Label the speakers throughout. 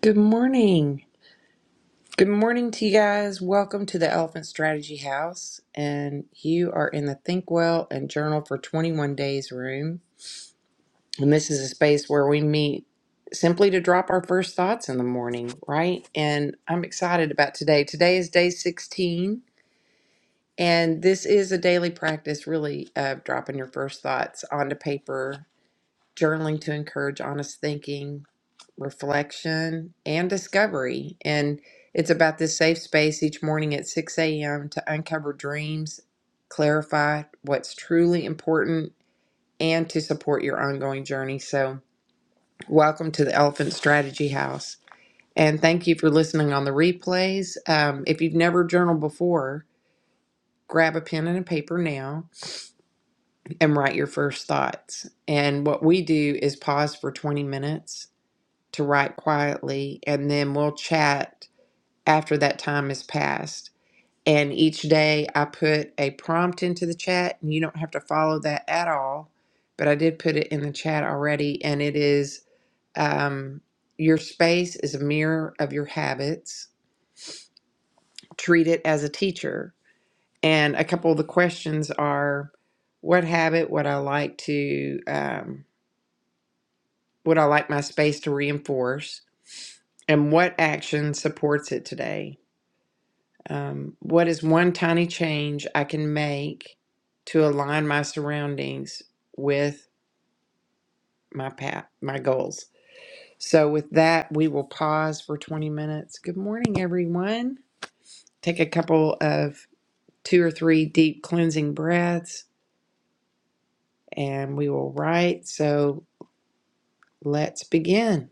Speaker 1: Good morning. Good morning to you guys. Welcome to the Elephant Strategy House. And you are in the Think Well and Journal for 21 Days room. And this is a space where we meet simply to drop our first thoughts in the morning, right? And I'm excited about today. Today is day 16. And this is a daily practice, really, of dropping your first thoughts onto paper journaling to encourage honest thinking, reflection, and discovery. And it's about this safe space each morning at 6 a.m. to uncover dreams, clarify what's truly important, and to support your ongoing journey. So, welcome to the Elephant Strategy House. And thank you for listening on the replays. Um, if you've never journaled before, grab a pen and a paper now and write your first thoughts. And what we do is pause for 20 minutes to write quietly, and then we'll chat after that time has passed. And each day I put a prompt into the chat, and you don't have to follow that at all, but I did put it in the chat already, and it is um, your space is a mirror of your habits. Treat it as a teacher. And a couple of the questions are what habit would I like to, um, would I like my space to reinforce? and what action supports it today? Um, what is one tiny change I can make to align my surroundings with my path, my goals? So, with that, we will pause for 20 minutes. Good morning, everyone. Take a couple of two or three deep cleansing breaths and we will write. So, let's begin.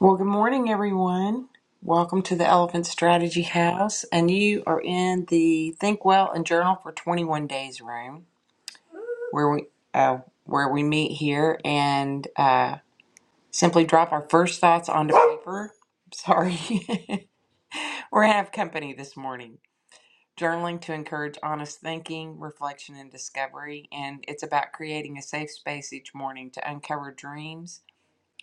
Speaker 1: Well, good morning, everyone. Welcome to the Elephant Strategy House, and you are in the Think Well and Journal for 21 Days room. where we uh, where we meet here and uh, simply drop our first thoughts onto paper. Sorry, we're gonna have company this morning. Journaling to encourage honest thinking, reflection, and discovery, and it's about creating a safe space each morning to uncover dreams,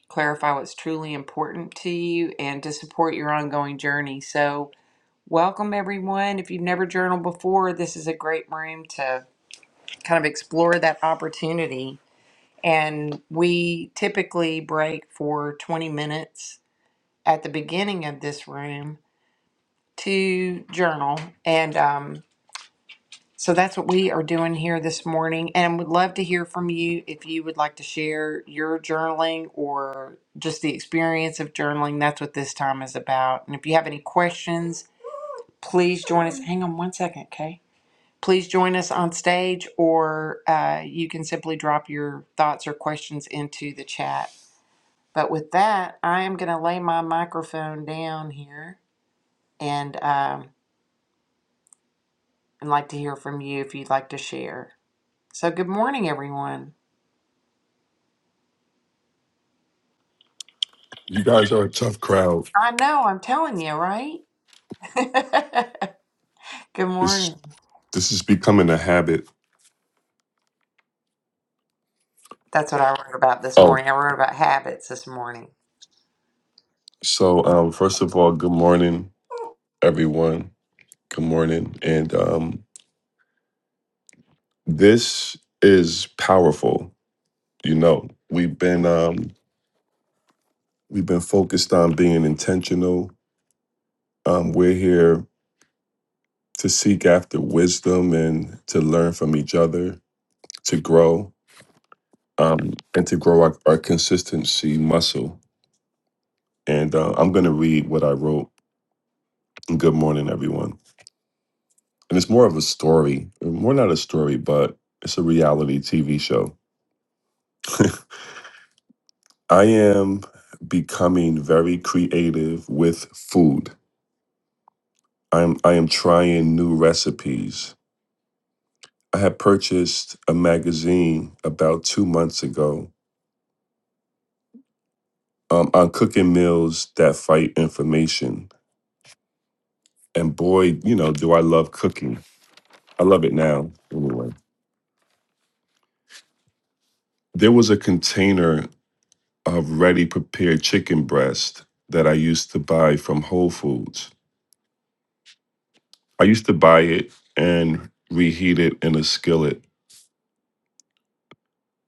Speaker 1: clarify what's truly important to you, and to support your ongoing journey. So, welcome everyone. If you've never journaled before, this is a great room to kind of explore that opportunity And we typically break for 20 minutes at the beginning of this room to journal. And um, so that's what we are doing here this morning. And would love to hear from you if you would like to share your journaling or just the experience of journaling. That's what this time is about. And if you have any questions, please join us. Hang on one second, Kay. Please join us on stage, or uh, you can simply drop your thoughts or questions into the chat But with that, I am going to lay my microphone down here and um, would like to hear from you if you'd like to share. So good morning, everyone.
Speaker 2: You guys are a tough crowd.
Speaker 1: I know I'm telling you, right? good morning.
Speaker 2: This this is becoming a habit.
Speaker 1: That's what I wrote about this
Speaker 2: Oh,
Speaker 1: morning. I wrote about habits this morning.
Speaker 2: so um, first of all, good morning, everyone. Good morning, and um, this is powerful. You know, we've been um, we've been focused on being intentional. Um, we're here to seek after wisdom and to learn from each other, to grow, um, and to grow our, our consistency muscle. And uh, I'm going to read what I wrote. Good morning, everyone. and it's more of a story. More not a story, but it's a reality TV show. I am becoming very creative with food. I am I am trying new recipes. I had purchased a magazine about two months ago um, on cooking meals that fight inflammation. And boy, you know, do I love cooking. I love it now. Anyway, there was a container of ready prepared chicken breast that I used to buy from Whole Foods I used to buy it and reheat it in a skillet,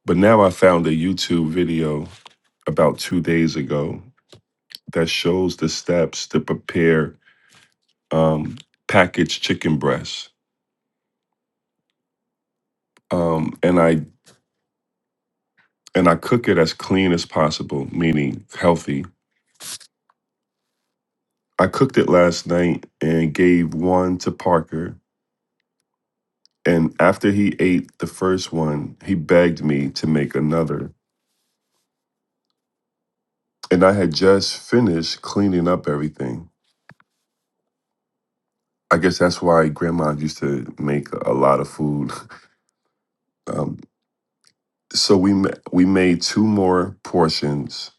Speaker 2: but now I found a YouTube video about two days ago that shows the steps to prepare um, packaged chicken breast, um, and I and I cook it as clean as possible, meaning healthy. I cooked it last night and gave one to Parker. And after he ate the first one, he begged me to make another. And I had just finished cleaning up everything. I guess that's why grandma used to make a lot of food. Um, so we ma- we made two more portions.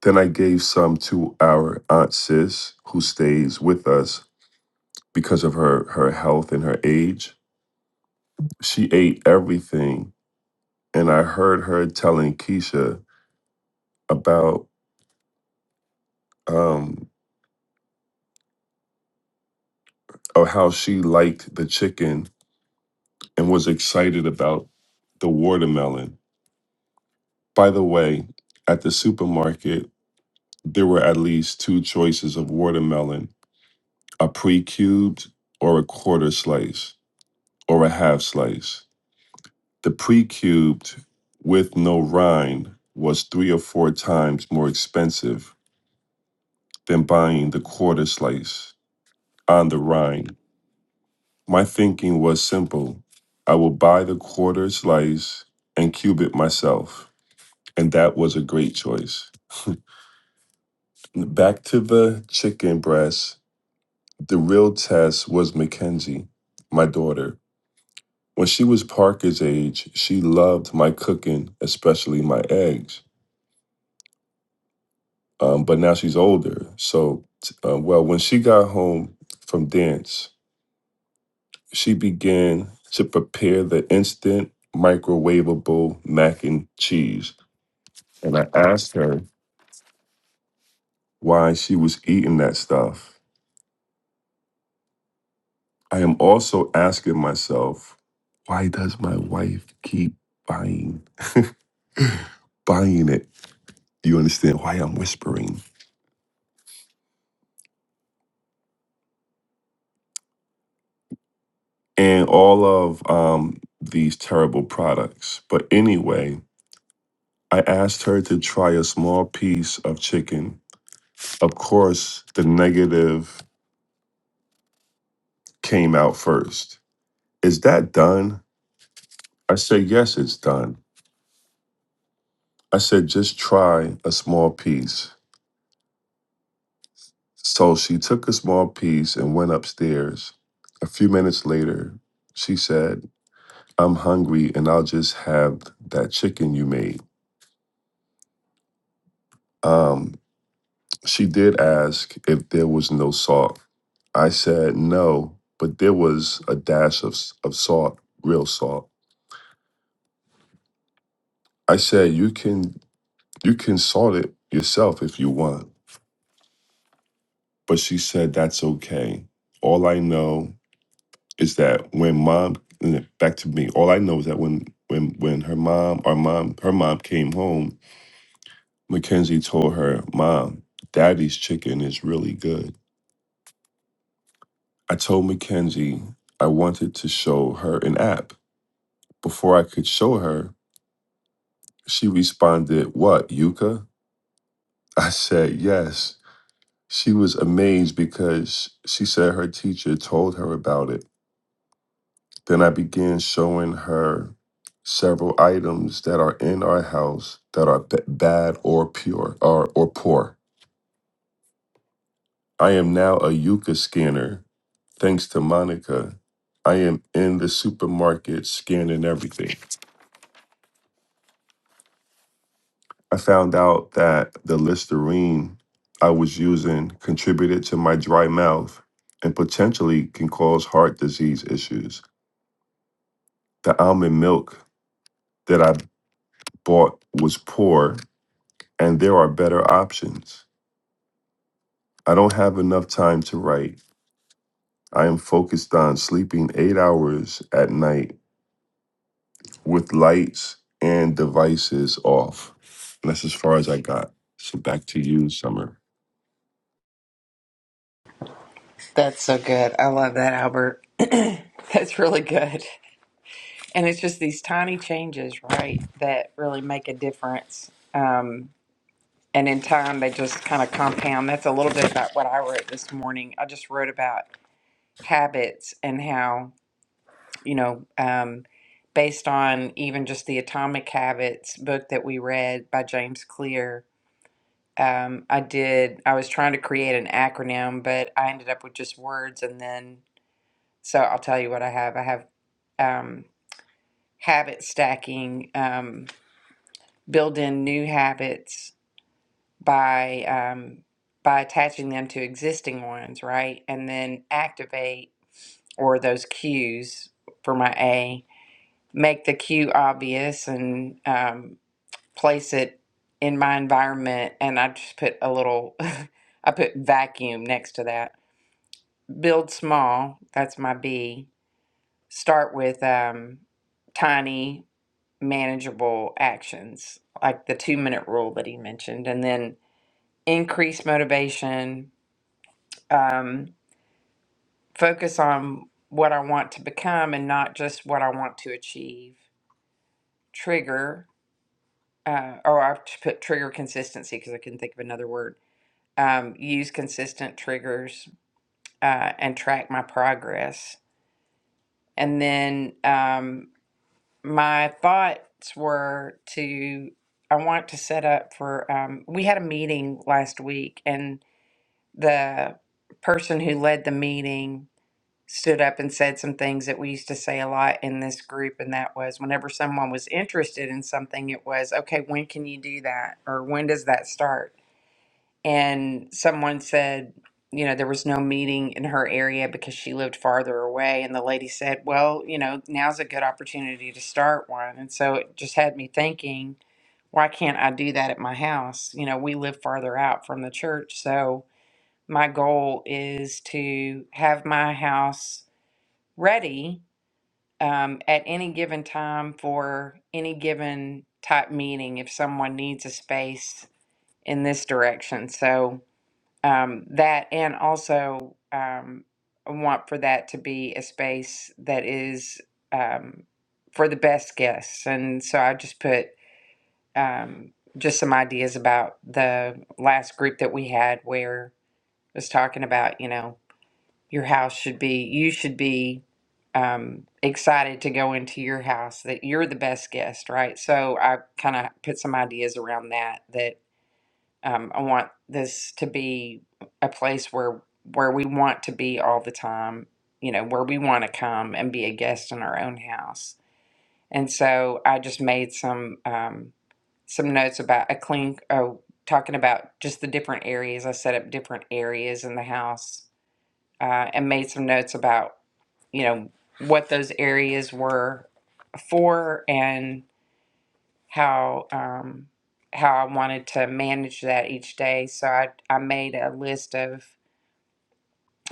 Speaker 2: Then I gave some to our aunt sis who stays with us because of her her health and her age. She ate everything, and I heard her telling Keisha about um, or how she liked the chicken and was excited about the watermelon. By the way, at the supermarket There were at least two choices of watermelon a pre cubed or a quarter slice or a half slice. The pre cubed with no rind was three or four times more expensive than buying the quarter slice on the rind. My thinking was simple I will buy the quarter slice and cube it myself. And that was a great choice. Back to the chicken breast. The real test was Mackenzie, my daughter. When she was Parker's age, she loved my cooking, especially my eggs. Um, but now she's older. So, uh, well, when she got home from dance, she began to prepare the instant microwavable mac and cheese. And I asked her why she was eating that stuff. I am also asking myself, why does my wife keep buying buying it? Do you understand why I'm whispering? And all of um, these terrible products. But anyway, I asked her to try a small piece of chicken. Of course, the negative came out first. Is that done? I said, Yes, it's done. I said, Just try a small piece. So she took a small piece and went upstairs. A few minutes later, she said, I'm hungry and I'll just have that chicken you made. Um, She did ask if there was no salt. I said no, but there was a dash of s- of salt, real salt. I said you can you can salt it yourself if you want. But she said that's okay. All I know is that when mom back to me, all I know is that when when when her mom our mom her mom came home, Mackenzie told her, "Mom, Daddy's chicken is really good." I told Mackenzie I wanted to show her an app Before I could show her, she responded, What, Yuka? I said, Yes. She was amazed because she said her teacher told her about it. Then I began showing her several items that are in our house that are b- bad or pure or, or poor. I am now a Yuka scanner, thanks to Monica. I am in the supermarket scanning everything. I found out that the Listerine I was using contributed to my dry mouth and potentially can cause heart disease issues. The almond milk that I bought was poor, and there are better options. I don't have enough time to write. I am focused on sleeping eight hours at night with lights and devices off. And that's as far as I got. So back to you, Summer.
Speaker 1: That's so good. I love that, Albert. That's really good. And it's just these tiny changes, right, that really make a difference. Um, and in time they just kind of compound that's a little bit about what i wrote this morning i just wrote about habits and how you know um, based on even just the atomic habits book that we read by james clear um, i did i was trying to create an acronym but i ended up with just words and then so i'll tell you what i have i have um, habit stacking um, build in new habits by um, by attaching them to existing ones, right? And then activate or those cues for my A, make the cue obvious and um, place it in my environment. And I just put a little, I put vacuum next to that. Build small. That's my B. Start with um, tiny, manageable actions, like the two minute rule that he mentioned, and then increase motivation um, focus on what I want to become and not just what I want to achieve. Trigger, uh, or I have put trigger consistency because I couldn't think of another word. Um, use consistent triggers uh, and track my progress. And then um, my thoughts were to I want to set up for. Um, we had a meeting last week, and the person who led the meeting stood up and said some things that we used to say a lot in this group and that was whenever someone was interested in something it was okay when can you do that or when does that start and someone said you know there was no meeting in her area because she lived farther away and the lady said well you know now's a good opportunity to start one and so it just had me thinking why can't i do that at my house you know we live farther out from the church so my goal is to have my house ready um, at any given time for any given type meeting if someone needs a space in this direction. So um, that, and also um, I want for that to be a space that is um, for the best guests. And so I just put um, just some ideas about the last group that we had where it was talking about, you know your house should be you should be um, excited to go into your house that you're the best guest right so i kind of put some ideas around that that um, i want this to be a place where where we want to be all the time you know where we want to come and be a guest in our own house and so i just made some um, some notes about a clean oh talking about just the different areas i set up different areas in the house uh, and made some notes about you know what those areas were for and how um, how I wanted to manage that each day. So I I made a list of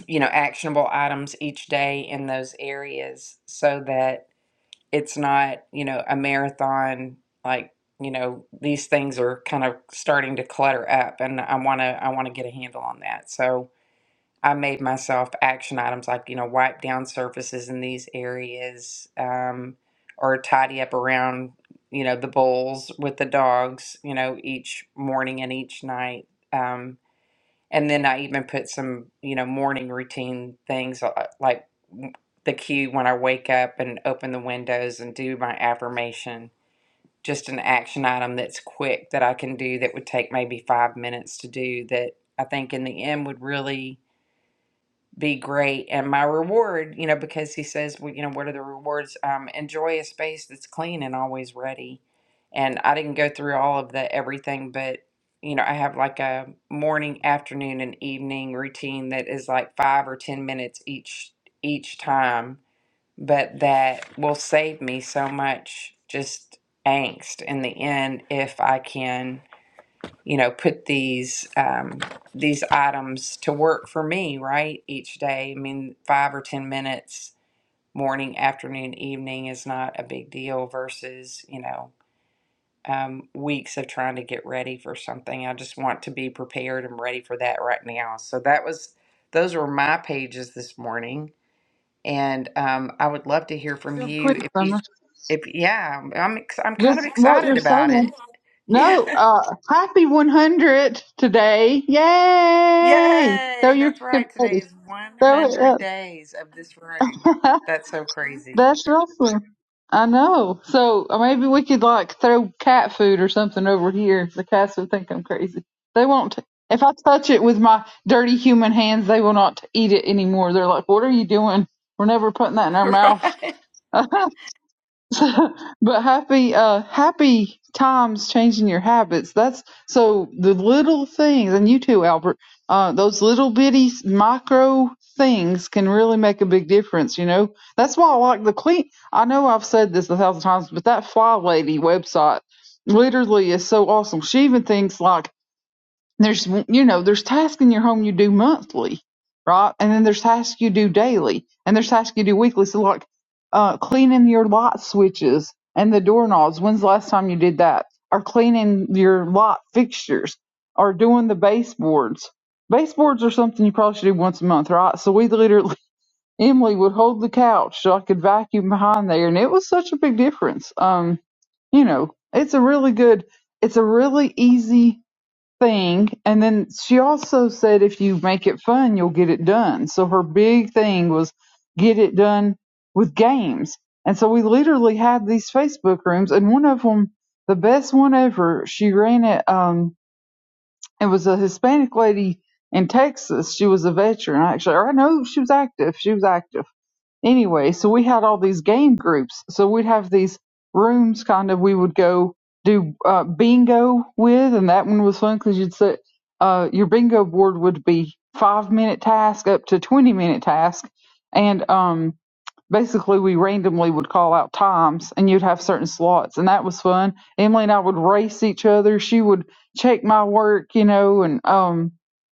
Speaker 1: you know actionable items each day in those areas so that it's not you know a marathon like you know these things are kind of starting to clutter up and I want to I want to get a handle on that. So I made myself action items like, you know, wipe down surfaces in these areas um, or tidy up around, you know, the bowls with the dogs, you know, each morning and each night. Um, and then I even put some, you know, morning routine things uh, like the cue when I wake up and open the windows and do my affirmation. Just an action item that's quick that I can do that would take maybe five minutes to do that I think in the end would really be great. And my reward, you know, because he says, well, you know, what are the rewards? Um, enjoy a space that's clean and always ready. And I didn't go through all of the everything, but you know, I have like a morning, afternoon, and evening routine that is like five or ten minutes each each time, but that will save me so much just angst in the end if I can you know put these um, these items to work for me right each day i mean five or ten minutes morning afternoon evening is not a big deal versus you know um, weeks of trying to get ready for something i just want to be prepared and ready for that right now so that was those were my pages this morning and um, i would love to hear from
Speaker 3: Real
Speaker 1: you
Speaker 3: quick,
Speaker 1: if you
Speaker 3: Summer.
Speaker 1: if yeah i'm ex- i'm kind of
Speaker 3: Just what
Speaker 1: excited
Speaker 3: you're
Speaker 1: about it
Speaker 3: saying.
Speaker 1: yeah
Speaker 3: No, uh, happy 100 today. Yay! Throw
Speaker 1: Yay!
Speaker 3: your
Speaker 1: That's right. Today
Speaker 3: confetti.
Speaker 1: is
Speaker 3: Throw it
Speaker 1: 100
Speaker 3: up.
Speaker 1: days of this room. That's so crazy.
Speaker 3: That's awesome. I know. So uh, maybe we could like throw cat food or something over here. The cats would think I'm crazy. They won't. T- If I touch it with my dirty human hands, they will not eat it anymore. They're like, what are you doing? We're never putting that in our mouth.
Speaker 1: right?
Speaker 3: But happy, uh, happy times changing your habits. That's so the little things, and you too, Albert. Uh, those little bitty micro things can really make a big difference. You know, that's why I like the clean. I know I've said this a thousand times, but that Fly Lady website literally is so awesome. She even thinks like there's you know there's tasks in your home you do monthly right and then there's tasks you do daily and there's tasks you do weekly so like uh, cleaning your light switches and the doorknobs when's the last time you did that or cleaning your light fixtures or doing the baseboards baseboards are something you probably should do once a month right so we literally emily would hold the couch so i could vacuum behind there and it was such a big difference um you know it's a really good it's a really easy thing and then she also said if you make it fun you'll get it done so her big thing was get it done with games and so we literally had these facebook rooms and one of them the best one ever she ran it um it was a hispanic lady in texas she was a veteran actually or i know she was active she was active anyway, so we had all these game groups. So we'd have these rooms kind of we would go do uh, bingo with, and that one was fun because you'd set uh, your bingo board would be five minute task up to 20 minute task. And um, basically we randomly would call out times and you'd have certain slots and that was fun emily and i would race each other she would check my work you know and um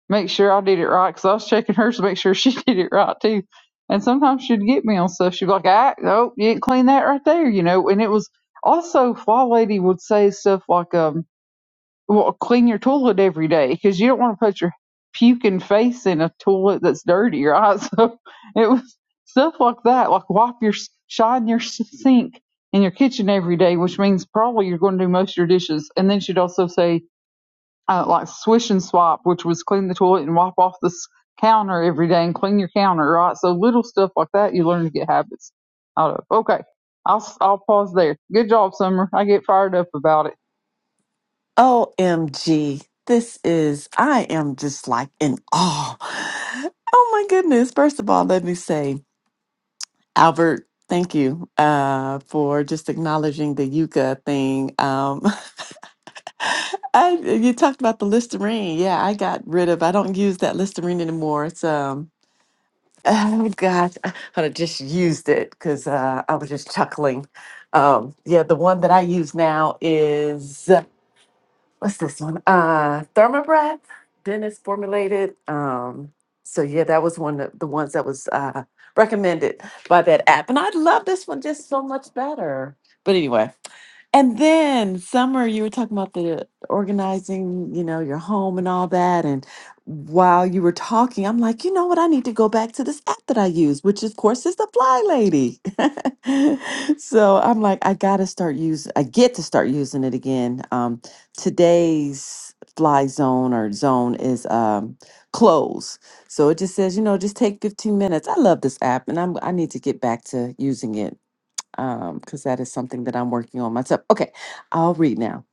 Speaker 3: make sure i did it right because i was checking hers to make sure she did it right too and sometimes she'd get me on stuff she'd be like ah, oh you didn't clean that right there you know and it was also fly lady would say stuff like um well, clean your toilet every day because you don't want to put your puking face in a toilet that's dirty, right? So it was stuff like that, like wipe your shine your sink in your kitchen every day, which means probably you're going to do most of your dishes. And then she'd also say uh, like swish and swap, which was clean the toilet and wipe off the s- counter every day and clean your counter, right? So little stuff like that, you learn to get habits out of. Okay, I'll s- I'll pause there. Good job, Summer. I get fired up about
Speaker 4: OMG. This is, I am just like in awe. Oh my goodness. First of all, let me say, Albert, thank you uh, for just acknowledging the yucca thing. Um, I, you talked about the Listerine. Yeah, I got rid of, I don't use that Listerine anymore. It's, um, oh gosh, I I just used it because uh, I was just chuckling. Um, yeah, the one that I use now is. what's this one? Uh, Thermobreath. Dennis formulated. Um, so yeah, that was one of the ones that was uh, recommended by that app, and I love this one just so much better. But anyway. And then, Summer, you were talking about the organizing, you know, your home and all that. And while you were talking, I'm like, you know what? I need to go back to this app that I use, which of course is the Fly Lady. so I'm like, I gotta start use, I get to start using it again. Um, today's Fly Zone or Zone is um, closed, so it just says, you know, just take 15 minutes. I love this app, and I'm I need to get back to using it um, because that is something that I'm working on myself. Okay, I'll read now.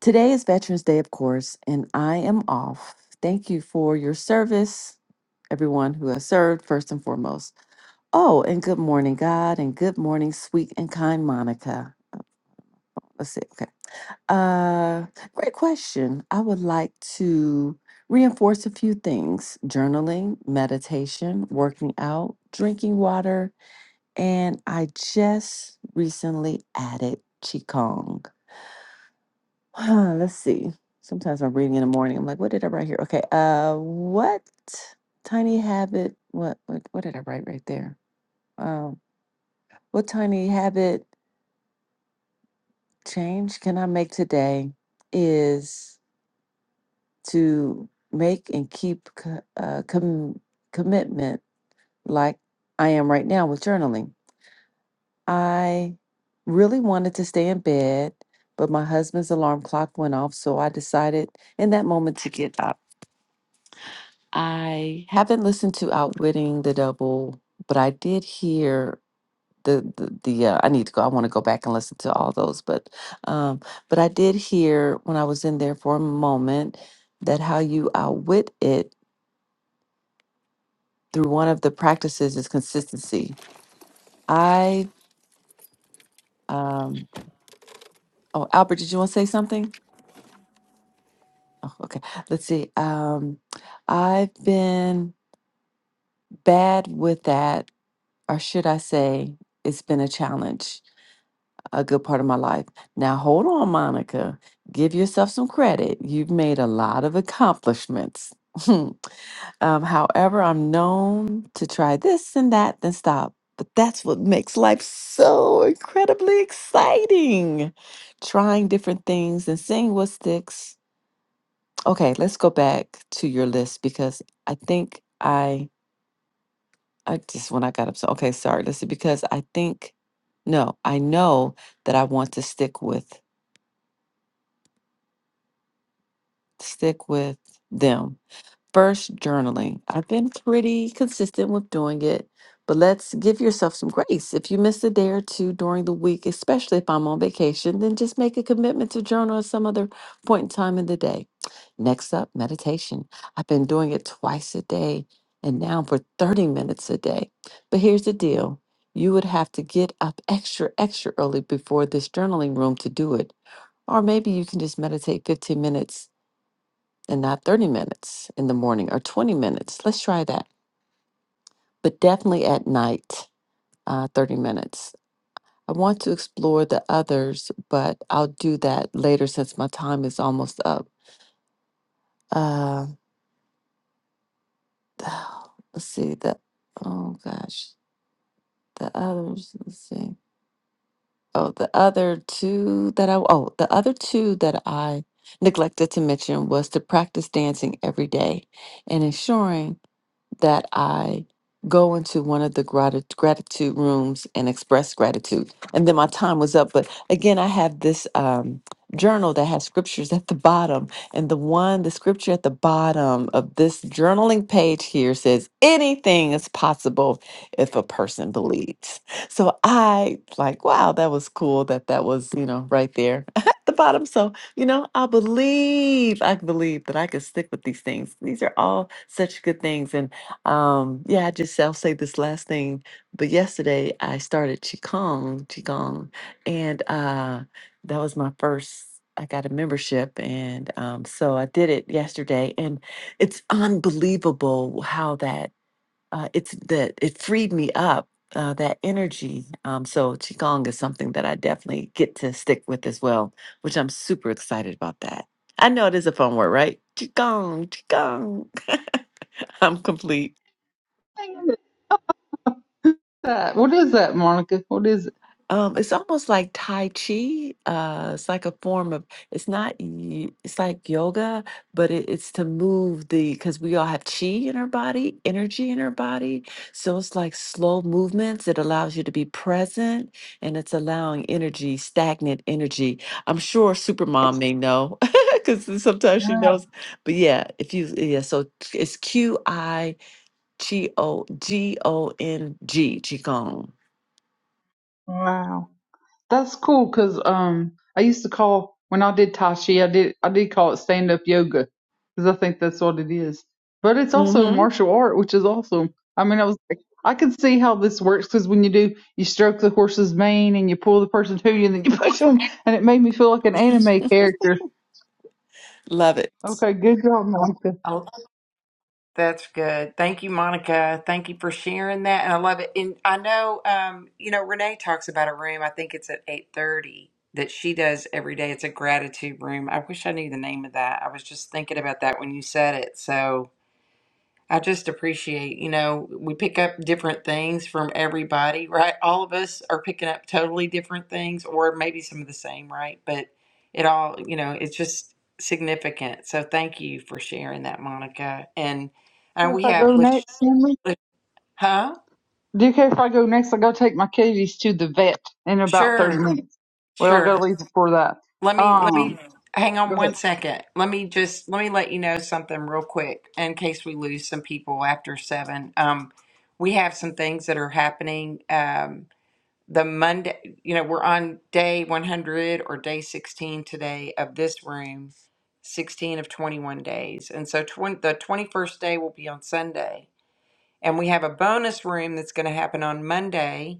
Speaker 4: Today is Veterans Day, of course, and I am off. Thank you for your service, everyone who has served, first and foremost. Oh, and good morning, God, and good morning, sweet and kind Monica. Uh, Let's see. Okay. Uh, great question. I would like to reinforce a few things journaling, meditation, working out, drinking water, And I just recently added Qigong. Let's see. Sometimes I'm reading in the morning. I'm like, what did I write here? Okay. Uh, what tiny habit? What what, what did I write right there? Um, what tiny habit change can I make today? Is to make and keep co- uh, com- commitment like I am right now with journaling. I really wanted to stay in bed, but my husband's alarm clock went off, so I decided in that moment to get up. I haven't listened to Outwitting the Double, but I did hear the the, the uh, I need to go. I want to go back and listen to all those, but um, but I did hear when I was in there for a moment that how you outwit it through one of the practices is consistency. I um, oh Albert, did you want to say something? Oh, okay. Let's see. Um, I've been bad with that, or should I say, it's been a challenge a good part of my life. Now, hold on, Monica. Give yourself some credit. You've made a lot of accomplishments. Um, however, I'm known to try this and that, then stop. But that's what makes life so incredibly exciting. Trying different things and seeing what sticks. Okay, let's go back to your list because I think I I just when I got upset. Okay, sorry. Listen, because I think no, I know that I want to stick with stick with them First, journaling. I've been pretty consistent with doing it, but let's give yourself some grace. If you miss a day or two during the week, especially if I'm on vacation, then just make a commitment to journal at some other point in time in the day. Next up, meditation. I've been doing it twice a day and now for 30 minutes a day. But here's the deal you would have to get up extra, extra early before this journaling room to do it. Or maybe you can just meditate 15 minutes and not 30 minutes in the morning or 20 minutes. Let's try that. But definitely at night, uh, 30 minutes. I want to explore the others, but I'll do that later since my time is almost up. Uh, let's see. The oh gosh, the others. Let's see. Oh, the other two that I oh the other two that I neglected to mention was to practice dancing every day and ensuring that I go into one of the grati- gratitude rooms and express gratitude. And then my time was up. But again, I have this um, journal that has scriptures at the bottom. And the one, the scripture at the bottom of this journaling page here says, anything is possible if a person believes. So I like, wow, that was cool that that was, you know, right there at the bottom. So you know, I believe, I believe that I can stick with these things. These are all such good things. And um, yeah, I just I'll say this last thing. But yesterday I started qigong, qigong, and uh, that was my first. I got a membership, and um, so I did it yesterday, and it's unbelievable how that uh, it's that it freed me up. Uh, that energy. Um, so qigong is something that I definitely get to stick with as well, which I'm super excited about that. I know it is a fun word, right? Qigong, qigong. I'm complete.
Speaker 3: it. that? What is that, Monica? What is it?
Speaker 4: Um, it's almost like Tai Chi. Uh, it's like a form of, it's not, y- it's like yoga, but it, it's to move the, because we all have chi in our body, energy in our body. So it's like slow movements. It allows you to be present and it's allowing energy, stagnant energy. I'm sure Supermom may know because sometimes she
Speaker 3: Wow.
Speaker 4: knows. But yeah, if you, yeah, so it's Q I G O G O N G, Qigong.
Speaker 3: Wow. That's cool because um, I used to call when I did Tai Chi, I did I did call it stand up yoga because I think that's what it is. But it's also
Speaker 4: Mm
Speaker 3: martial art, which is awesome. I mean, I was like, I can see how this works because when you do, you stroke the horse's mane and you pull the person to you and then you push them, and it made me feel like an
Speaker 4: hmm.
Speaker 3: anime character.
Speaker 4: Love it.
Speaker 3: Okay, good job, Monica.
Speaker 1: Oh, that's good. Thank you, Monica. Thank you for sharing that, and I love it. And I know, um, you know, Renee talks about a room. I think it's at eight thirty that she does every day. It's a gratitude room. I wish I knew the name of that. I was just thinking about that when you said it. So. I just appreciate, you know, we pick up different things from everybody, right? All of us are picking up totally different things or maybe some of the same, right? But it all, you know, it's just significant. So thank you for sharing that, Monica. And uh,
Speaker 3: if
Speaker 1: we
Speaker 3: I go
Speaker 1: have, Lish-
Speaker 3: next, Henry?
Speaker 1: Lish- huh?
Speaker 3: DK, if I go next, I gotta take my kitties to the vet in about 30
Speaker 1: Sure,
Speaker 3: minutes. Well, I gotta
Speaker 1: sure.
Speaker 3: leave before that.
Speaker 1: Let me, let
Speaker 3: Um,
Speaker 1: me hang
Speaker 3: go
Speaker 1: on one second. Let me just, let me let you know something real quick in case we lose some people after seven. Um, we have some things that are happening. Um, the Monday, you know, we're on day 100 or day 16 today of this room, 16 of 21 days. And so twen- the 21st day will be on Sunday. And we have a bonus room that's going to happen on Monday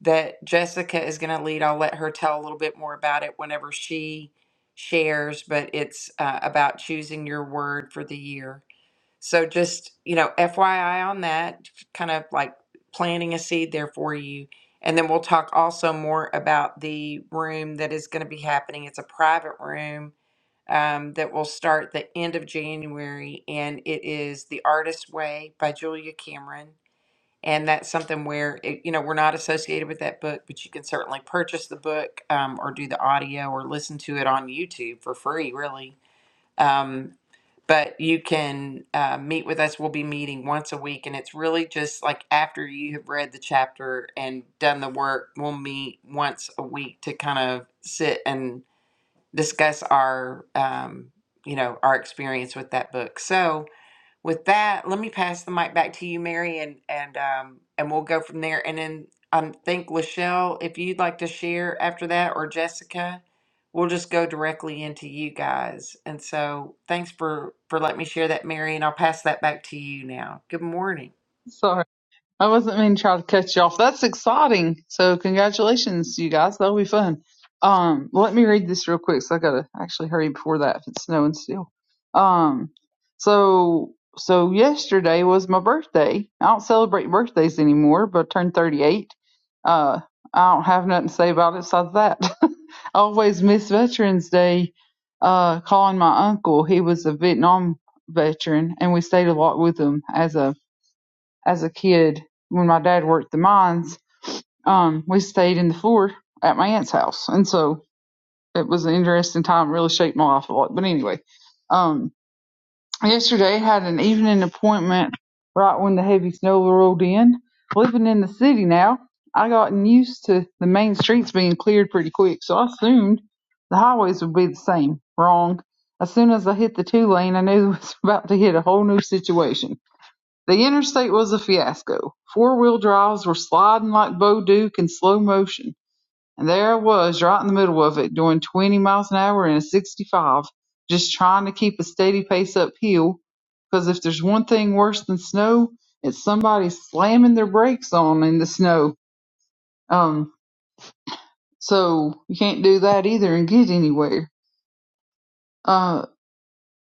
Speaker 1: that Jessica is going to lead. I'll let her tell a little bit more about it whenever she shares, but it's uh, about choosing your word for the year so just, you know, FYI on that, kind of like planting a seed there for you. And then we'll talk also more about the room that is going to be happening. It's a private room um, that will start the end of January, and it is The Artist's Way by Julia Cameron. And that's something where, it, you know, we're not associated with that book, but you can certainly purchase the book um, or do the audio or listen to it on YouTube for free, really um, but you can uh, meet with us. We'll be meeting once a week, and it's really just like after you have read the chapter and done the work, we'll meet once a week to kind of sit and discuss our, um, you know, our experience with that book. So, with that, let me pass the mic back to you, Mary, and and um and we'll go from there. And then I think Lachelle, if you'd like to share after that, or Jessica, we'll just go directly into you guys. And so, thanks for for letting me share that, Mary, and I'll pass that back to you now. Good morning.
Speaker 3: ahead. I wasn't meaning to try to cut you off. That's exciting. So congratulations, you guys. That'll be fun. Um, let me read this real quick. So I gotta actually hurry before that if it's snowing still. Um, so so yesterday was my birthday. I don't celebrate birthdays anymore, but I turned 38. Uh, I don't have nothing to say about it besides that. I always miss Veterans Day. Uh, calling my uncle. He was a Vietnam veteran, and we stayed a lot with him as a as a kid when my dad worked the mines. Um, we stayed in the floor at my aunt's house, and so it was an interesting time. Really shaped my life a lot. But anyway, um, yesterday I had an evening appointment right when the heavy snow rolled in. Living in the city now, I gotten used to the main streets being cleared pretty quick, so I assumed the highways would be the same. Wrong. As soon as I hit the two lane, I knew it was about to hit a whole new situation. The interstate was a fiasco. Four-wheel drives were sliding like Bouduc in slow motion, and there I was right in the middle of it, doing 20 miles an hour in a 65, just trying to keep a steady pace uphill, because if there's one thing worse than snow, it's somebody slamming their brakes on in the snow. Um, so you can't do that either and get anywhere. Uh,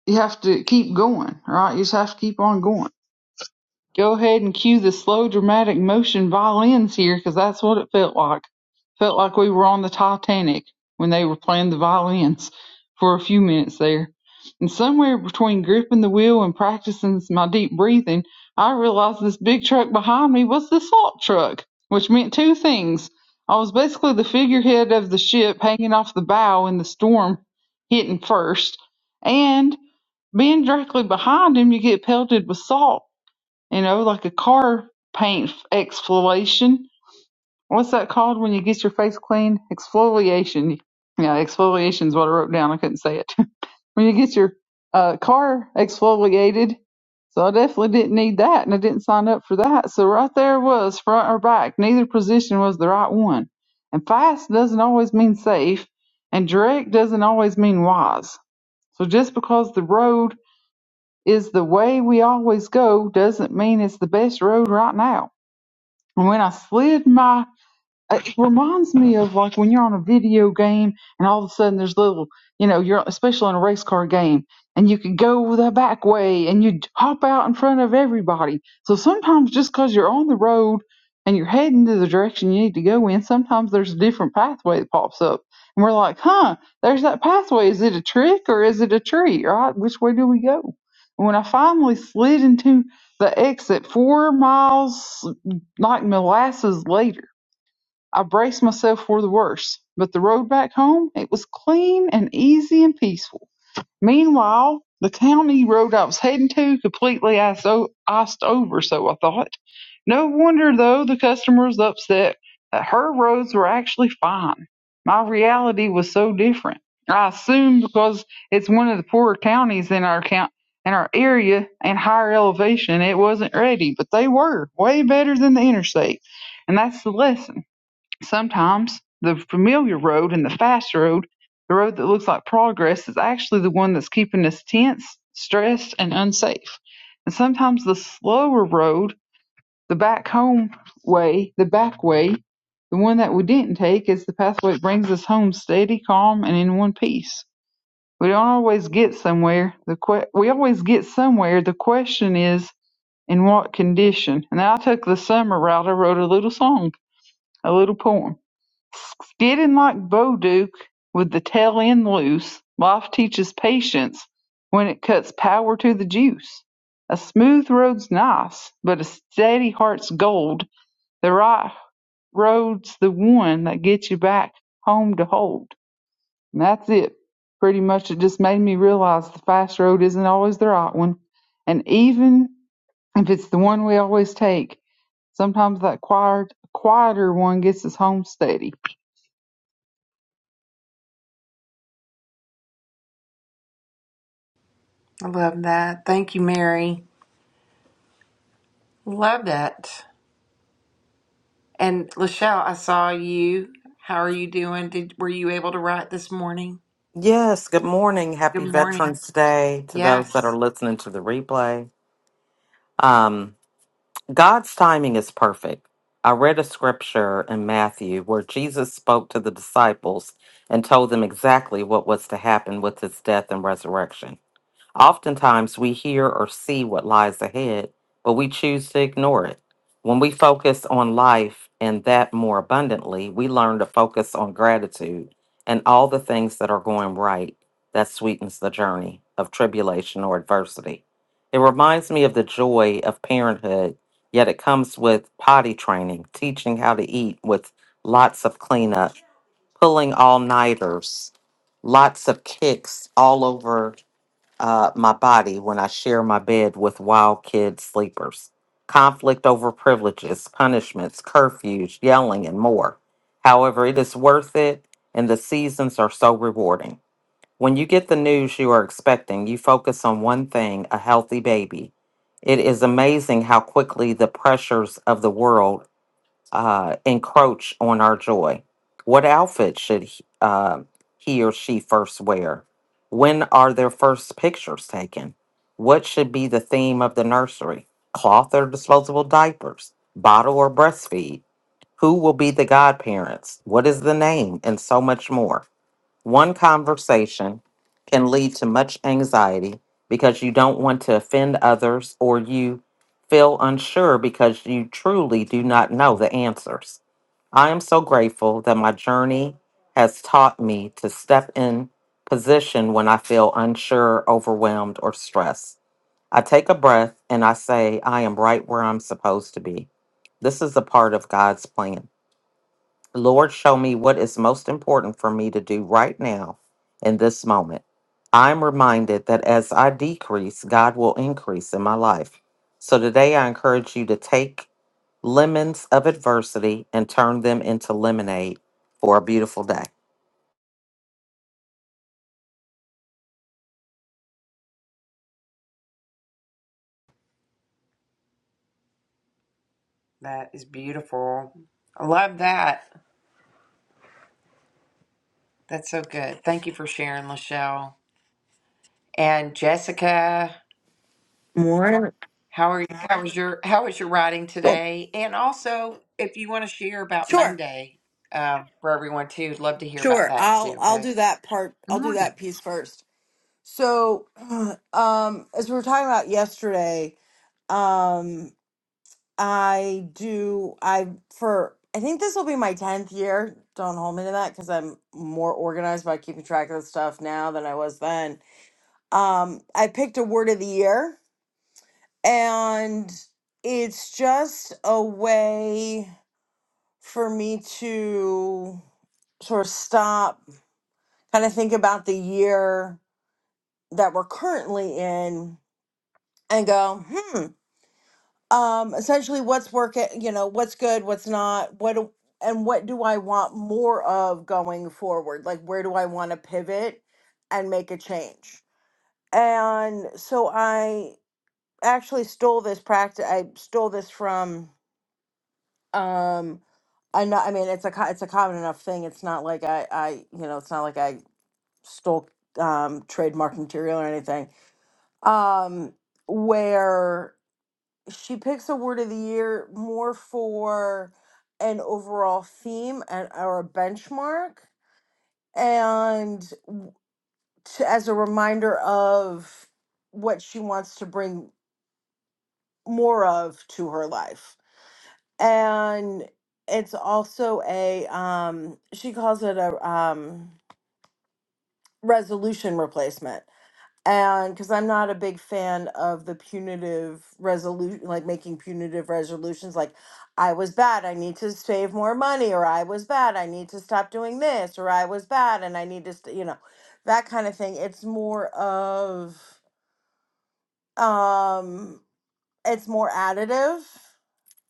Speaker 3: you have to keep going, right? You just have to keep on going. Go ahead and cue the slow dramatic motion violins here, 'cause that's what it felt like. Felt like we were on the Titanic when they were playing the violins for a few minutes there. And somewhere between gripping the wheel and practicing my deep breathing, I realized this big truck behind me was the salt truck, which meant two things. I was basically the figurehead of the ship hanging off the bow in the storm hitting first, and being directly behind him, you get pelted with salt you know, like a car paint exfoliation. What's that called when you get your face clean? Exfoliation. Yeah, exfoliation is what I wrote down. I couldn't say it. when you get your uh, car exfoliated. So I definitely didn't need that, and I didn't sign up for that. So right there it was front or back. Neither position was the right one. And fast doesn't always mean safe, and direct doesn't always mean wise. So just because the road is the way we always go doesn't mean it's the best road right now and when I slid my it reminds me of like when you're on a video game and all of a sudden there's little you know you're especially in a race car game and you can go the back way and you hop out in front of everybody so sometimes just because 'cause you're on the road and you're heading to the direction you need to go in sometimes there's a different pathway that pops up and we're like huh there's that pathway is it a trick or is it a tree right which way do we go and when i finally slid into the exit four miles like molasses later I braced myself for the worst, but the road back home, it was clean and easy and peaceful. Meanwhile, the county road I was heading to completely iced, over, so I thought. No wonder, though, the customer was upset that her roads were actually fine. My reality was so different. I assume because it's one of the poorer counties in our count, in our area and higher elevation, it wasn't ready, but they were way better than the interstate. And that's the lesson. Sometimes the familiar road and the fast road, the road that looks like progress, is actually the one that's keeping us tense, stressed, and unsafe. And sometimes the slower road, the back home way, the back way, the one that we didn't take, is the pathway that brings us home steady, calm, and in one piece. We don't always get somewhere. The que- we always get somewhere. The question is, in what condition? And I took the summer route. I wrote a little song, a little poem. Skidding like Boudic with the tail end loose, life teaches patience when it cuts power to the juice. A smooth road's nice, but a steady heart's gold. The right road's the one that gets you back home to hold. And that's it. Pretty much it just made me realize the fast road isn't always the right one. And even if it's the one we always take, sometimes that quiet, quieter one gets us home steady.
Speaker 1: I love that. Thank you, Mary. Love that. And Lachelle, I saw you. How are you doing? Did were you able to write this morning?
Speaker 5: Yes, good morning. Happy
Speaker 1: Good morning.
Speaker 5: Veterans Day to those that
Speaker 1: Yes.
Speaker 5: are listening to the replay. Um, God's timing is perfect. I read a scripture in Matthew where Jesus spoke to the disciples and told them exactly what was to happen with his death and resurrection. Oftentimes, we hear or see what lies ahead, but we choose to ignore it. When we focus on life and that more abundantly, we learn to focus on gratitude and all the things that are going right that sweetens the journey of tribulation or adversity. It reminds me of the joy of parenthood, yet it comes with potty training, teaching how to eat with lots of cleanup, pulling all nighters, lots of kicks all over uh, my body when I share my bed with wild kid sleepers. Conflict over privileges, punishments, curfews, yelling, and more. However, it is worth it, and the seasons are so rewarding. When you get the news you are expecting, you focus on one thing a healthy baby. It is amazing how quickly the pressures of the world uh, encroach on our joy? What outfit should he, uh, he or she first wear? When are their first pictures taken? What should be the theme of the nursery? Cloth or disposable diapers? Bottle or breastfeed? Who will be the godparents? What is the name? And so much more. One conversation can lead to much anxiety because you don't want to offend others or you feel unsure because you truly do not know the answers. I am so grateful that my journey has taught me to step in position when I feel unsure, overwhelmed, or stressed. I take a breath and I say, I am right where I'm supposed to be. This is a part of God's plan. Lord, show me what is most important for me to do right now in this moment. I'm reminded that as I decrease, God will increase in my life. So today I encourage you to take lemons of adversity and turn them into lemonade for a beautiful day.
Speaker 1: That is beautiful. I love that. That's so good. Thank you for sharing, Lachelle. And Jessica,
Speaker 6: More.
Speaker 1: how are you? How was your how was your writing
Speaker 6: Oh,
Speaker 1: today? And also, if you want to share about
Speaker 6: sure,
Speaker 1: Monday uh, for everyone too, I'd love to hear about
Speaker 6: sure.
Speaker 1: that too.
Speaker 6: I'll I'll
Speaker 1: Okay.
Speaker 6: do that part.
Speaker 1: Good
Speaker 6: I'll do
Speaker 1: morning.
Speaker 6: that piece first. So, um, as we were talking about yesterday, um, I do I for I think this will be my tenth year. Don't hold me to that because I'm more organized by keeping track of the stuff now than I was then. Um, I picked a word of the year, and it's just a way for me to sort of stop kind of think about the year that we're currently in and go, hmm, um, essentially what's working, you know, what's good, what's not, what, do- and what do I want more of going forward? Like, where do I want to pivot and make a change? And so I actually stole this practice. I stole this from, um, I know, I mean, it's a, co- it's a common enough thing. It's not like I, I, you know, it's not like I stole, um, trademark material or anything um, where she picks a word of the year more for an overall theme and or a benchmark, and to, as a reminder of what she wants to bring more of to her life. And it's also a um, she calls it a um, resolution replacement and because I'm not a big fan of the punitive resolution, like making punitive resolutions, like I was bad, I need to save more money, or I was bad, I need to stop doing this, or I was bad, and I need to, st-, you know, that kind of thing. It's more of, um, it's more additive,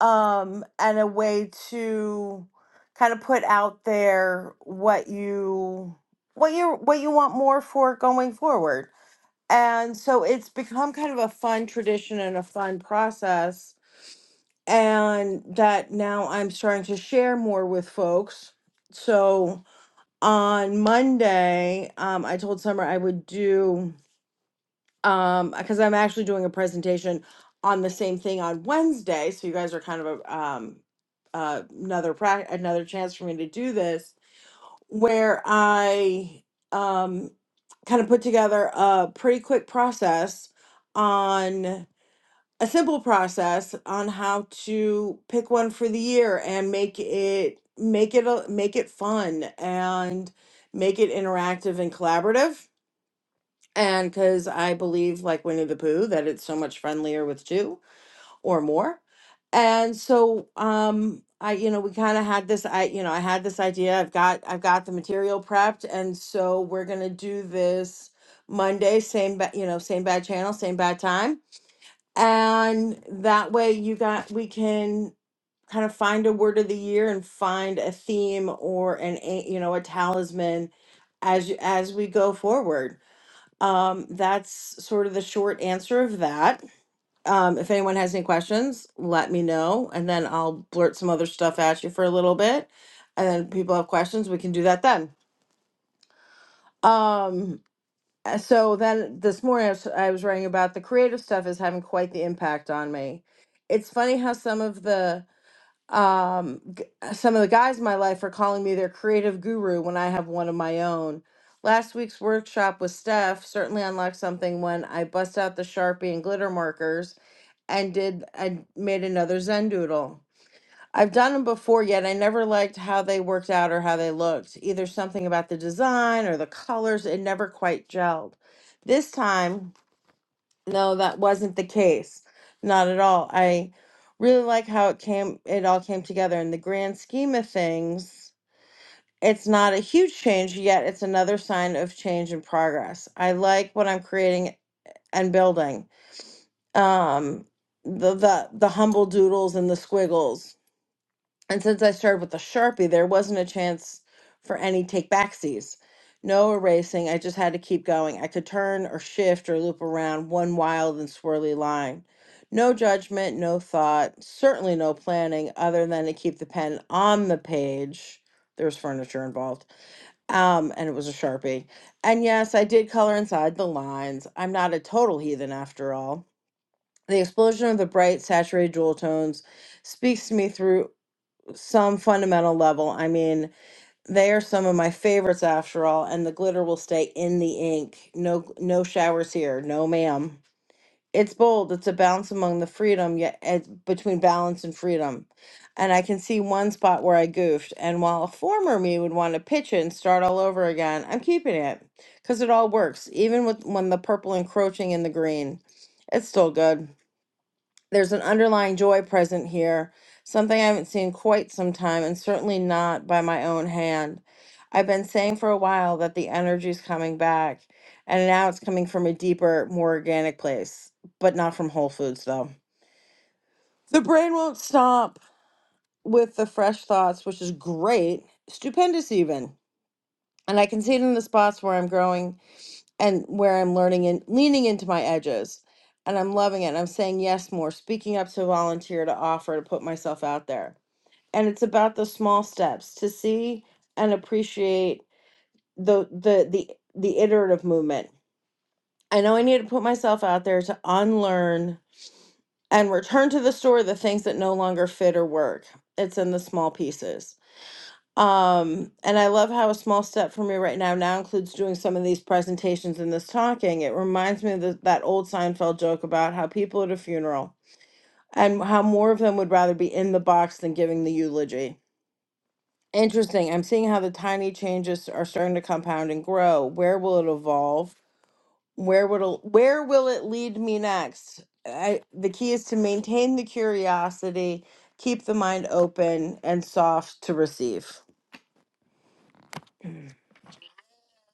Speaker 6: um, and a way to kind of put out there what you, what you, what you want more for going forward and so it's become kind of a fun tradition and a fun process. And that now I'm starting to share more with folks. So on Monday, um, I told Summer I would do, um, because I'm actually doing a presentation on the same thing on Wednesday. So you guys are kind of a, um, uh, another pra- another chance for me to do this where I um, kind of put together a pretty quick process on a simple process on how to pick one for the year and make it make it a, make it fun and make it interactive and collaborative. And because I believe, like Winnie the Pooh, that it's so much friendlier with two or more. And so um I you know we kind of had this I you know I had this idea I've got I've got the material prepped and so we're going to do this Monday same ba- you know same bad channel same bad time and that way you got we can kind of find a word of the year and find a theme or an a you know a talisman as you, as we go forward. Um that's sort of the short answer of that um, if anyone has any questions, let me know, and then I'll blurt some other stuff at you for a little bit. And then people have questions, we can do that then. Um, uh, so then this morning I was, I was writing about the creative stuff is having quite the impact on me. It's funny how some of the um g- uh, some of the guys in my life are calling me their creative guru when I have one of my own. Last week's workshop with Steph certainly unlocked something when I bust out the Sharpie and glitter markers and did I made another Zen doodle. I've done them before, yet I never liked how they worked out or how they looked. Either something about the design or the colors, it never quite gelled. This time, no, that wasn't the case. Not at all. I really like how it came it all came together in the grand scheme of things. It's not a huge change, yet it's another sign of change and progress. I like what I'm creating and building um the the the humble doodles and the squiggles and since i started with the sharpie there wasn't a chance for any take backsies no erasing i just had to keep going i could turn or shift or loop around one wild and swirly line no judgment no thought certainly no planning other than to keep the pen on the page there was furniture involved um and it was a sharpie and yes i did color inside the lines i'm not a total heathen after all the explosion of the bright, saturated jewel tones speaks to me through some fundamental level. I mean, they are some of my favorites after all, and the glitter will stay in the ink. No no showers here. No ma'am. It's bold. It's a balance among the freedom, yet it's between balance and freedom. And I can see one spot where I goofed. And while a former me would want to pitch it and start all over again, I'm keeping it because it all works, even with when the purple encroaching in the green. It's still good there's an underlying joy present here, something I haven't seen quite some time, and certainly not by my own hand. I've been saying for a while that the energy's coming back, and now it's coming from a deeper, more organic place, but not from Whole Foods, though. The brain won't stop with the fresh thoughts, which is great, stupendous, even. And I can see it in the spots where I'm growing and where I'm learning and leaning into my edges. And I'm loving it. And I'm saying yes more, speaking up to volunteer, to offer, to put myself out there. And it's about the small steps to see and appreciate the the the the iterative movement. I know I need to put myself out there to unlearn and return to the store the things that no longer fit or work. It's in the small pieces. Um, and I love how a small step for me right now now includes doing some of these presentations and this talking. It reminds me of the, that old Seinfeld joke about how people at a funeral and how more of them would rather be in the box than giving the eulogy. Interesting. I'm seeing how the tiny changes are starting to compound and grow. Where will it evolve? Where will it, where will it lead me next? I, the key is to maintain the curiosity, keep the mind open and soft to receive.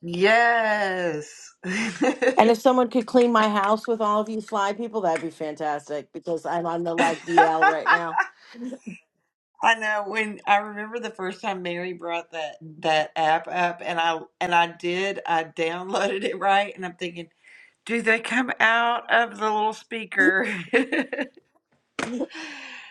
Speaker 1: Yes.
Speaker 6: And if someone could clean my house with all of you fly people, that'd be fantastic because I'm on the like DL right now.
Speaker 1: I know when I remember the first time Mary brought that that app up and I and I did I downloaded it right and I'm thinking do they come out of the little speaker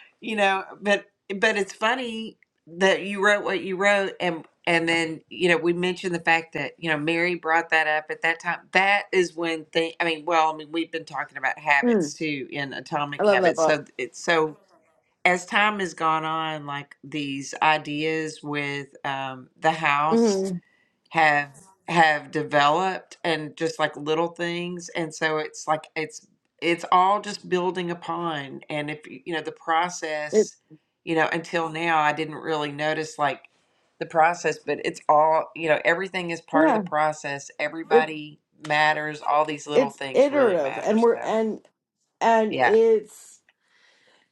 Speaker 1: you know but but it's funny that you wrote what you wrote and and then you know we mentioned the fact that you know mary brought that up at that time that is when thing i mean well i mean we've been talking about habits
Speaker 6: Mm,
Speaker 1: too in
Speaker 6: I
Speaker 1: atomic
Speaker 6: love that
Speaker 1: habits
Speaker 6: book.
Speaker 1: so it's so as time has gone on like these ideas with um, the house
Speaker 6: hmm
Speaker 1: have have developed and just like little things and so it's like it's it's all just building upon and if you know the
Speaker 6: It
Speaker 1: process you know until now I didn't really notice like the process but it's all you know everything is part of the
Speaker 6: yeah,
Speaker 1: process
Speaker 6: it
Speaker 1: everybody matters all these little
Speaker 6: it's
Speaker 1: things really
Speaker 6: iterative,
Speaker 1: matter
Speaker 6: and we're
Speaker 1: so
Speaker 6: and and
Speaker 1: yeah
Speaker 6: it's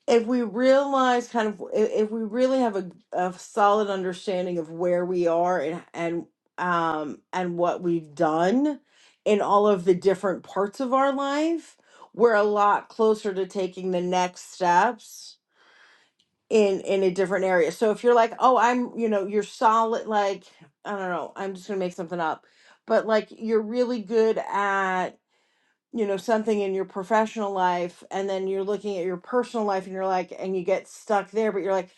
Speaker 6: if we realize kind of i- if we really have a, a solid understanding of where we are and and um and what we've done in all of the different parts of our life, we're a lot closer to taking the next steps in in a different area. So if you're like, oh, I'm, you know, you're solid, like I don't know, I'm just gonna make something up, but like you're really good at you know something in your professional life, and then you're looking at your personal life, and you're like, and you get stuck there, but you're like,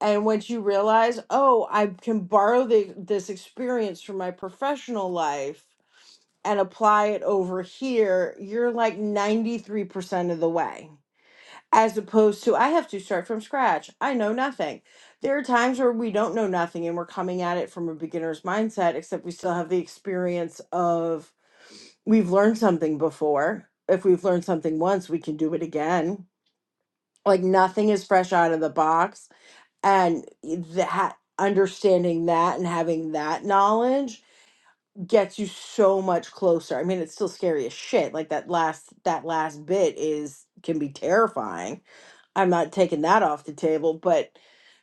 Speaker 6: and once you realize, oh, I can borrow the, this experience from my professional life and apply it over here, you're like 93% of the way as opposed to I have to start from scratch. I know nothing. There are times where we don't know nothing and we're coming at it from a beginner's mindset, except we still have the experience of we've learned something before. If we've learned something once, we can do it again. Like nothing is fresh out of the box. And that understanding that and having that knowledge gets you so much closer. I mean, it's still scary as shit. Like that last that last bit is can be terrifying I'm not taking that off the table, but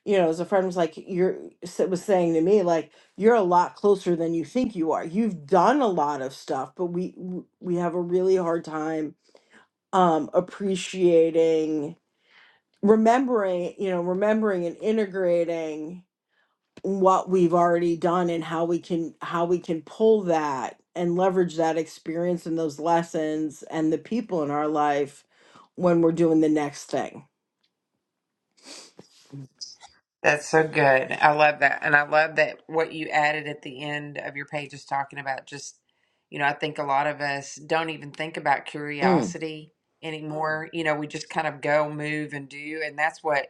Speaker 6: you know, as a friend was like, you're s- was saying to me, like, you're a lot closer than you think you are. You've done a lot of stuff, but we w- we have a really hard time um appreciating, remembering, you know, remembering and integrating what we've already done and how we can how we can pull that and leverage that experience and those lessons and the people in our life when we're doing the next thing.
Speaker 1: That's so good. I love that. And I love that what you added at the end of your page is talking about just, you know, I think a lot of us don't even think about
Speaker 6: Mm.
Speaker 1: curiosity anymore. You know, we just kind of go, move, and do. And that's what,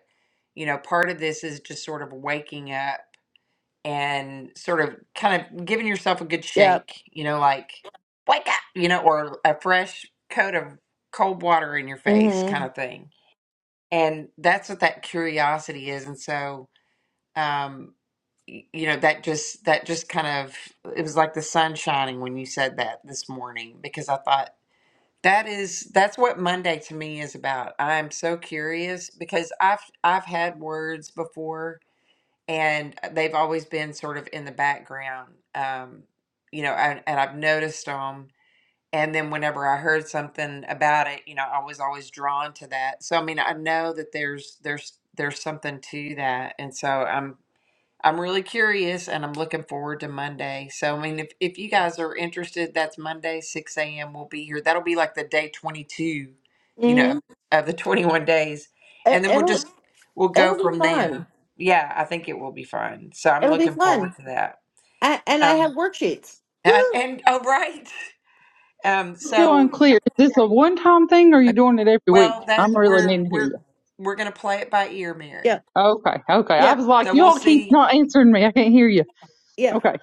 Speaker 1: you know, part of this is just sort of waking up and sort of kind of giving yourself a good
Speaker 6: Yeah,
Speaker 1: shake, you know, like wake up, you know, or a fresh coat of cold water in your face
Speaker 6: Mm-hmm.
Speaker 1: kind of thing. And that's what that curiosity is. And so, um, y- you know that just that just kind of it was like the sun shining when you said that this morning because i thought that is that's what monday to me is about i'm so curious because i've i've had words before and uh, they've always been sort of in the background um you know and, and i've noticed them and then whenever i heard something about it you know i was always drawn to that so i mean i know that there's there's there's something to that and so I'm. I'm really curious and I'm looking forward to Monday. So, I mean, if, if you guys are interested, that's Monday, 6 a.m. We'll be here. That'll be like the day 22, you
Speaker 6: hmm
Speaker 1: know, of the 21 days.
Speaker 6: It,
Speaker 1: And then we'll
Speaker 6: it'll
Speaker 1: just, we'll go
Speaker 6: it'll be
Speaker 1: from there.
Speaker 6: fun.
Speaker 1: Yeah, I think it will be fun. So I'm
Speaker 6: It'll be
Speaker 1: looking forward
Speaker 6: fun.
Speaker 1: to that.
Speaker 6: I, and I
Speaker 1: Um,
Speaker 6: have worksheets.
Speaker 1: and,
Speaker 6: Woo!
Speaker 1: and oh, right. Um,
Speaker 3: Still
Speaker 1: so,
Speaker 3: unclear. Is this a one time thing or are
Speaker 1: uh,
Speaker 3: you doing it every week?
Speaker 1: well, that
Speaker 3: I'm really
Speaker 1: we're,
Speaker 3: needing to hear
Speaker 1: we're,
Speaker 3: you.
Speaker 1: we're going to play it by ear,
Speaker 6: Yeah,
Speaker 1: Mary.
Speaker 3: Okay, okay. I
Speaker 6: yeah,
Speaker 3: was like,
Speaker 1: So we'll
Speaker 3: y'all keep
Speaker 1: see.
Speaker 3: not answering me. I can't hear you.
Speaker 6: yeah.
Speaker 3: Okay.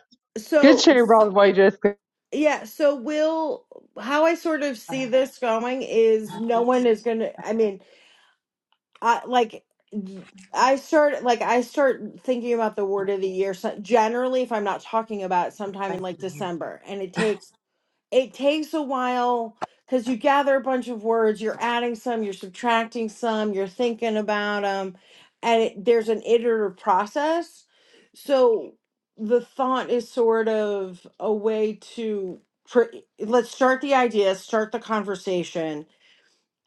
Speaker 3: Good
Speaker 6: So
Speaker 3: share, by the way, Jessica.
Speaker 6: yeah, so we'll how I sort of
Speaker 1: I
Speaker 6: see
Speaker 1: have to
Speaker 6: this going is
Speaker 1: have
Speaker 6: no
Speaker 1: this.
Speaker 6: one is gonna. I mean, I like I start like I start thinking about the word of the year. So generally, if I'm not talking about it sometime in
Speaker 1: Thank you,
Speaker 6: like
Speaker 1: you
Speaker 6: December, and it takes it takes a while because you gather a bunch of words, you're adding some, you're subtracting some, you're thinking about them, and it, there's an iterative process. So the thought is sort of a way to pr- let's start the idea, start the conversation,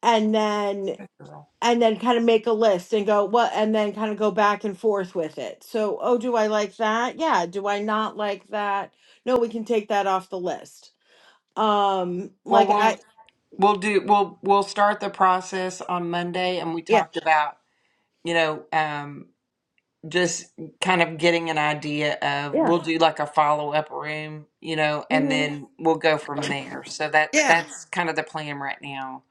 Speaker 6: and then
Speaker 1: girl.
Speaker 6: and then kind of make a list and go what and then kind of go back and forth with it. So, oh, do I like that? Yeah, do I not like that? No, we can take that off the list um,
Speaker 1: Well,
Speaker 6: like
Speaker 1: we'll
Speaker 6: I,
Speaker 1: We'll do we'll we'll start the process on Monday and we
Speaker 6: yeah,
Speaker 1: talked about, you know, um just kind of getting an idea of
Speaker 6: yeah,
Speaker 1: we'll do like a follow-up room, you know, and
Speaker 6: hmm
Speaker 1: then we'll go from there. So that
Speaker 6: yeah,
Speaker 1: that's kind of the plan right now.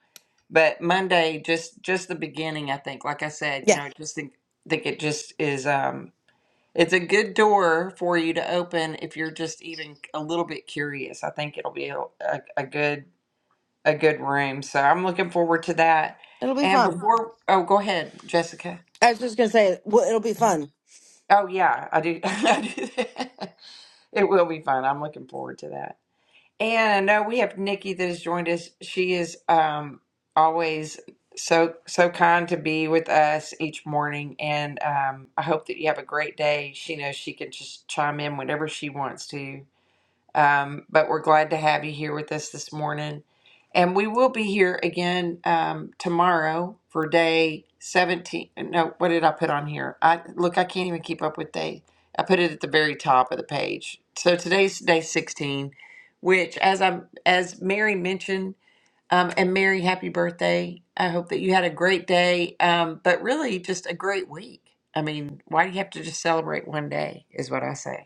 Speaker 1: But Monday just just the beginning, I think. Like I said, you know,
Speaker 6: yeah.
Speaker 1: I just think think it just is um it's a good door for you to open if you're just even a little bit curious. I think it'll be a, a, a good a good room. So I'm looking forward to that.
Speaker 6: It'll be
Speaker 1: And
Speaker 6: fun.
Speaker 1: before, oh, go ahead, Jessica.
Speaker 6: I was just gonna say, well, it'll be fun.
Speaker 1: Oh yeah, I do. I do that. It will be fun. I'm looking forward to that. And I know we have Nikki that has joined us. She is um, always so so kind to be with us each morning, and um, I hope that you have a great day. She knows she can just chime in whenever she wants to Um, but we're glad to have you here with us this morning. And we will be here again um, tomorrow for day 17. No, what did I put on here? I Look, I can't even keep up with day. I put it at the very top of the page. So today's day 16, which as I'm as Mary mentioned, um, and Mary, happy birthday. I hope that you had a great day, um, but really just a great week. I mean, why do you have to just celebrate one day, is what I say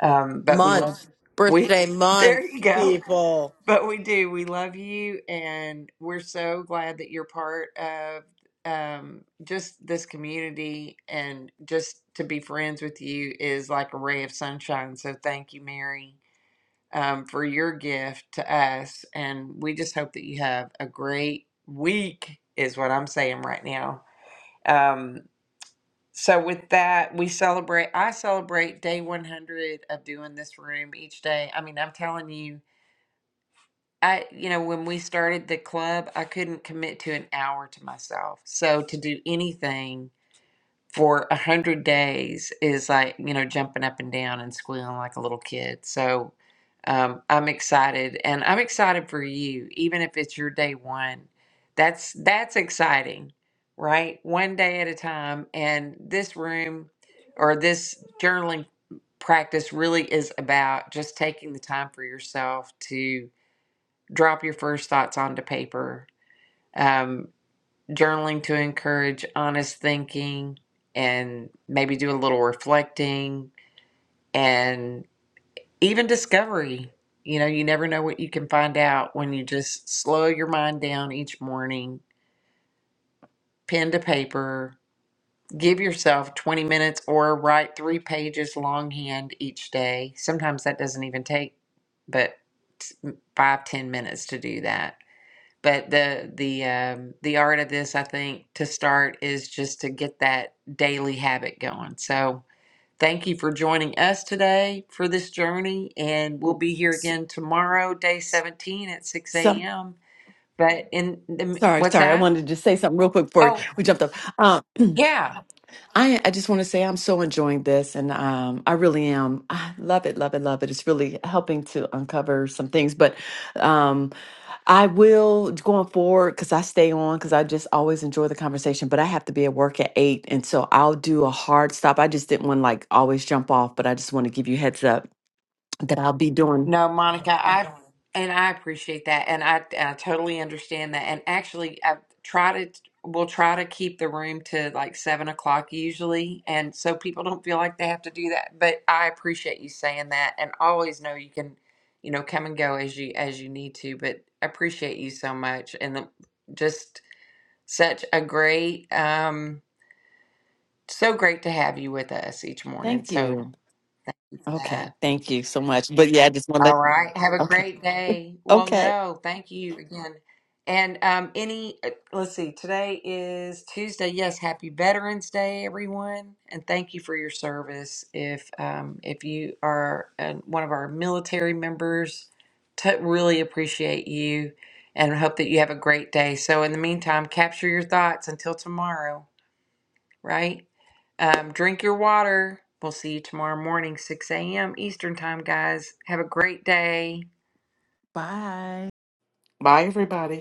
Speaker 1: um, but we love
Speaker 6: Month,
Speaker 1: we.
Speaker 6: birthday
Speaker 1: There
Speaker 6: month,
Speaker 1: you go.
Speaker 6: people.
Speaker 1: But we do. We love you, and we're so glad that you're part of um, just this community. And just to be friends with you is like a ray of sunshine. So thank you, Mary, um, for your gift to us. And we just hope that you have a great week. Is what I'm saying right now. Um, so with that, we celebrate. I celebrate day 100 of doing this room each day. I mean, I'm telling you, I you know when we started the club, I couldn't commit to an hour to myself. So to do anything for a hundred days is like you know jumping up and down and squealing like a little kid. So um, I'm excited, and I'm excited for you, even if it's your day one. That's that's exciting, right? One day at a time, and this room or this journaling practice really is about just taking the time for yourself to drop your first thoughts onto paper. Um, journaling to encourage honest thinking and maybe do a little reflecting and even discovery. You know, you never know what you can find out when you just slow your mind down each morning, pen to paper, give yourself 20 minutes or write three pages longhand each day. Sometimes that doesn't even take but five ten minutes to do that but the the um, the art of this, I think, to start is just to get that daily habit going. So thank you for joining us today for this journey, and we'll be here
Speaker 4: S-
Speaker 1: again tomorrow, day
Speaker 4: s-
Speaker 1: seventeen at six
Speaker 4: Some
Speaker 1: a.m. But in the,
Speaker 4: sorry,
Speaker 1: what's
Speaker 4: sorry. I
Speaker 1: that?
Speaker 4: wanted to just say something real quick before
Speaker 1: Oh
Speaker 4: we jumped up. Um,
Speaker 1: yeah.
Speaker 4: I I just want to say I'm so enjoying this, and um, I really am. I love it, love it, love it. It's really helping to uncover some things. But um, I will going forward because I stay on because I just always enjoy the conversation. But I have to be at work at eight, and so I'll do a hard stop. I just didn't want to like always jump off, but I just want to give you heads up that I'll be doing.
Speaker 1: No, Monica, I and I appreciate that, and I, and I totally understand that. And actually, I try to we'll try to keep the room to like seven o'clock usually, and so people don't feel like they have to do that. But I appreciate you saying that, and always know you can, you know, come and go as you as you need to. But I appreciate you so much, and the, just such a great, um, so great to have you with us each morning.
Speaker 4: Thank
Speaker 1: So
Speaker 4: you.
Speaker 1: for that.
Speaker 4: Okay, thank you so much. But yeah, I just want to
Speaker 1: All
Speaker 4: let
Speaker 1: right. Have a
Speaker 4: Okay.
Speaker 1: great day. Well,
Speaker 4: Okay.
Speaker 1: no, thank you again. And um, any, uh, let's see, today is Tuesday. Yes, happy Veterans Day, everyone, and thank you for your service. If um, if you are uh, one of our military members, t- really appreciate you, and hope that you have a great day. So, in the meantime, capture your thoughts until tomorrow right? Um, drink your water. We'll see you tomorrow morning, 6 a.m. Eastern Time, guys. Have a great day.
Speaker 4: Bye.
Speaker 5: Bye, everybody.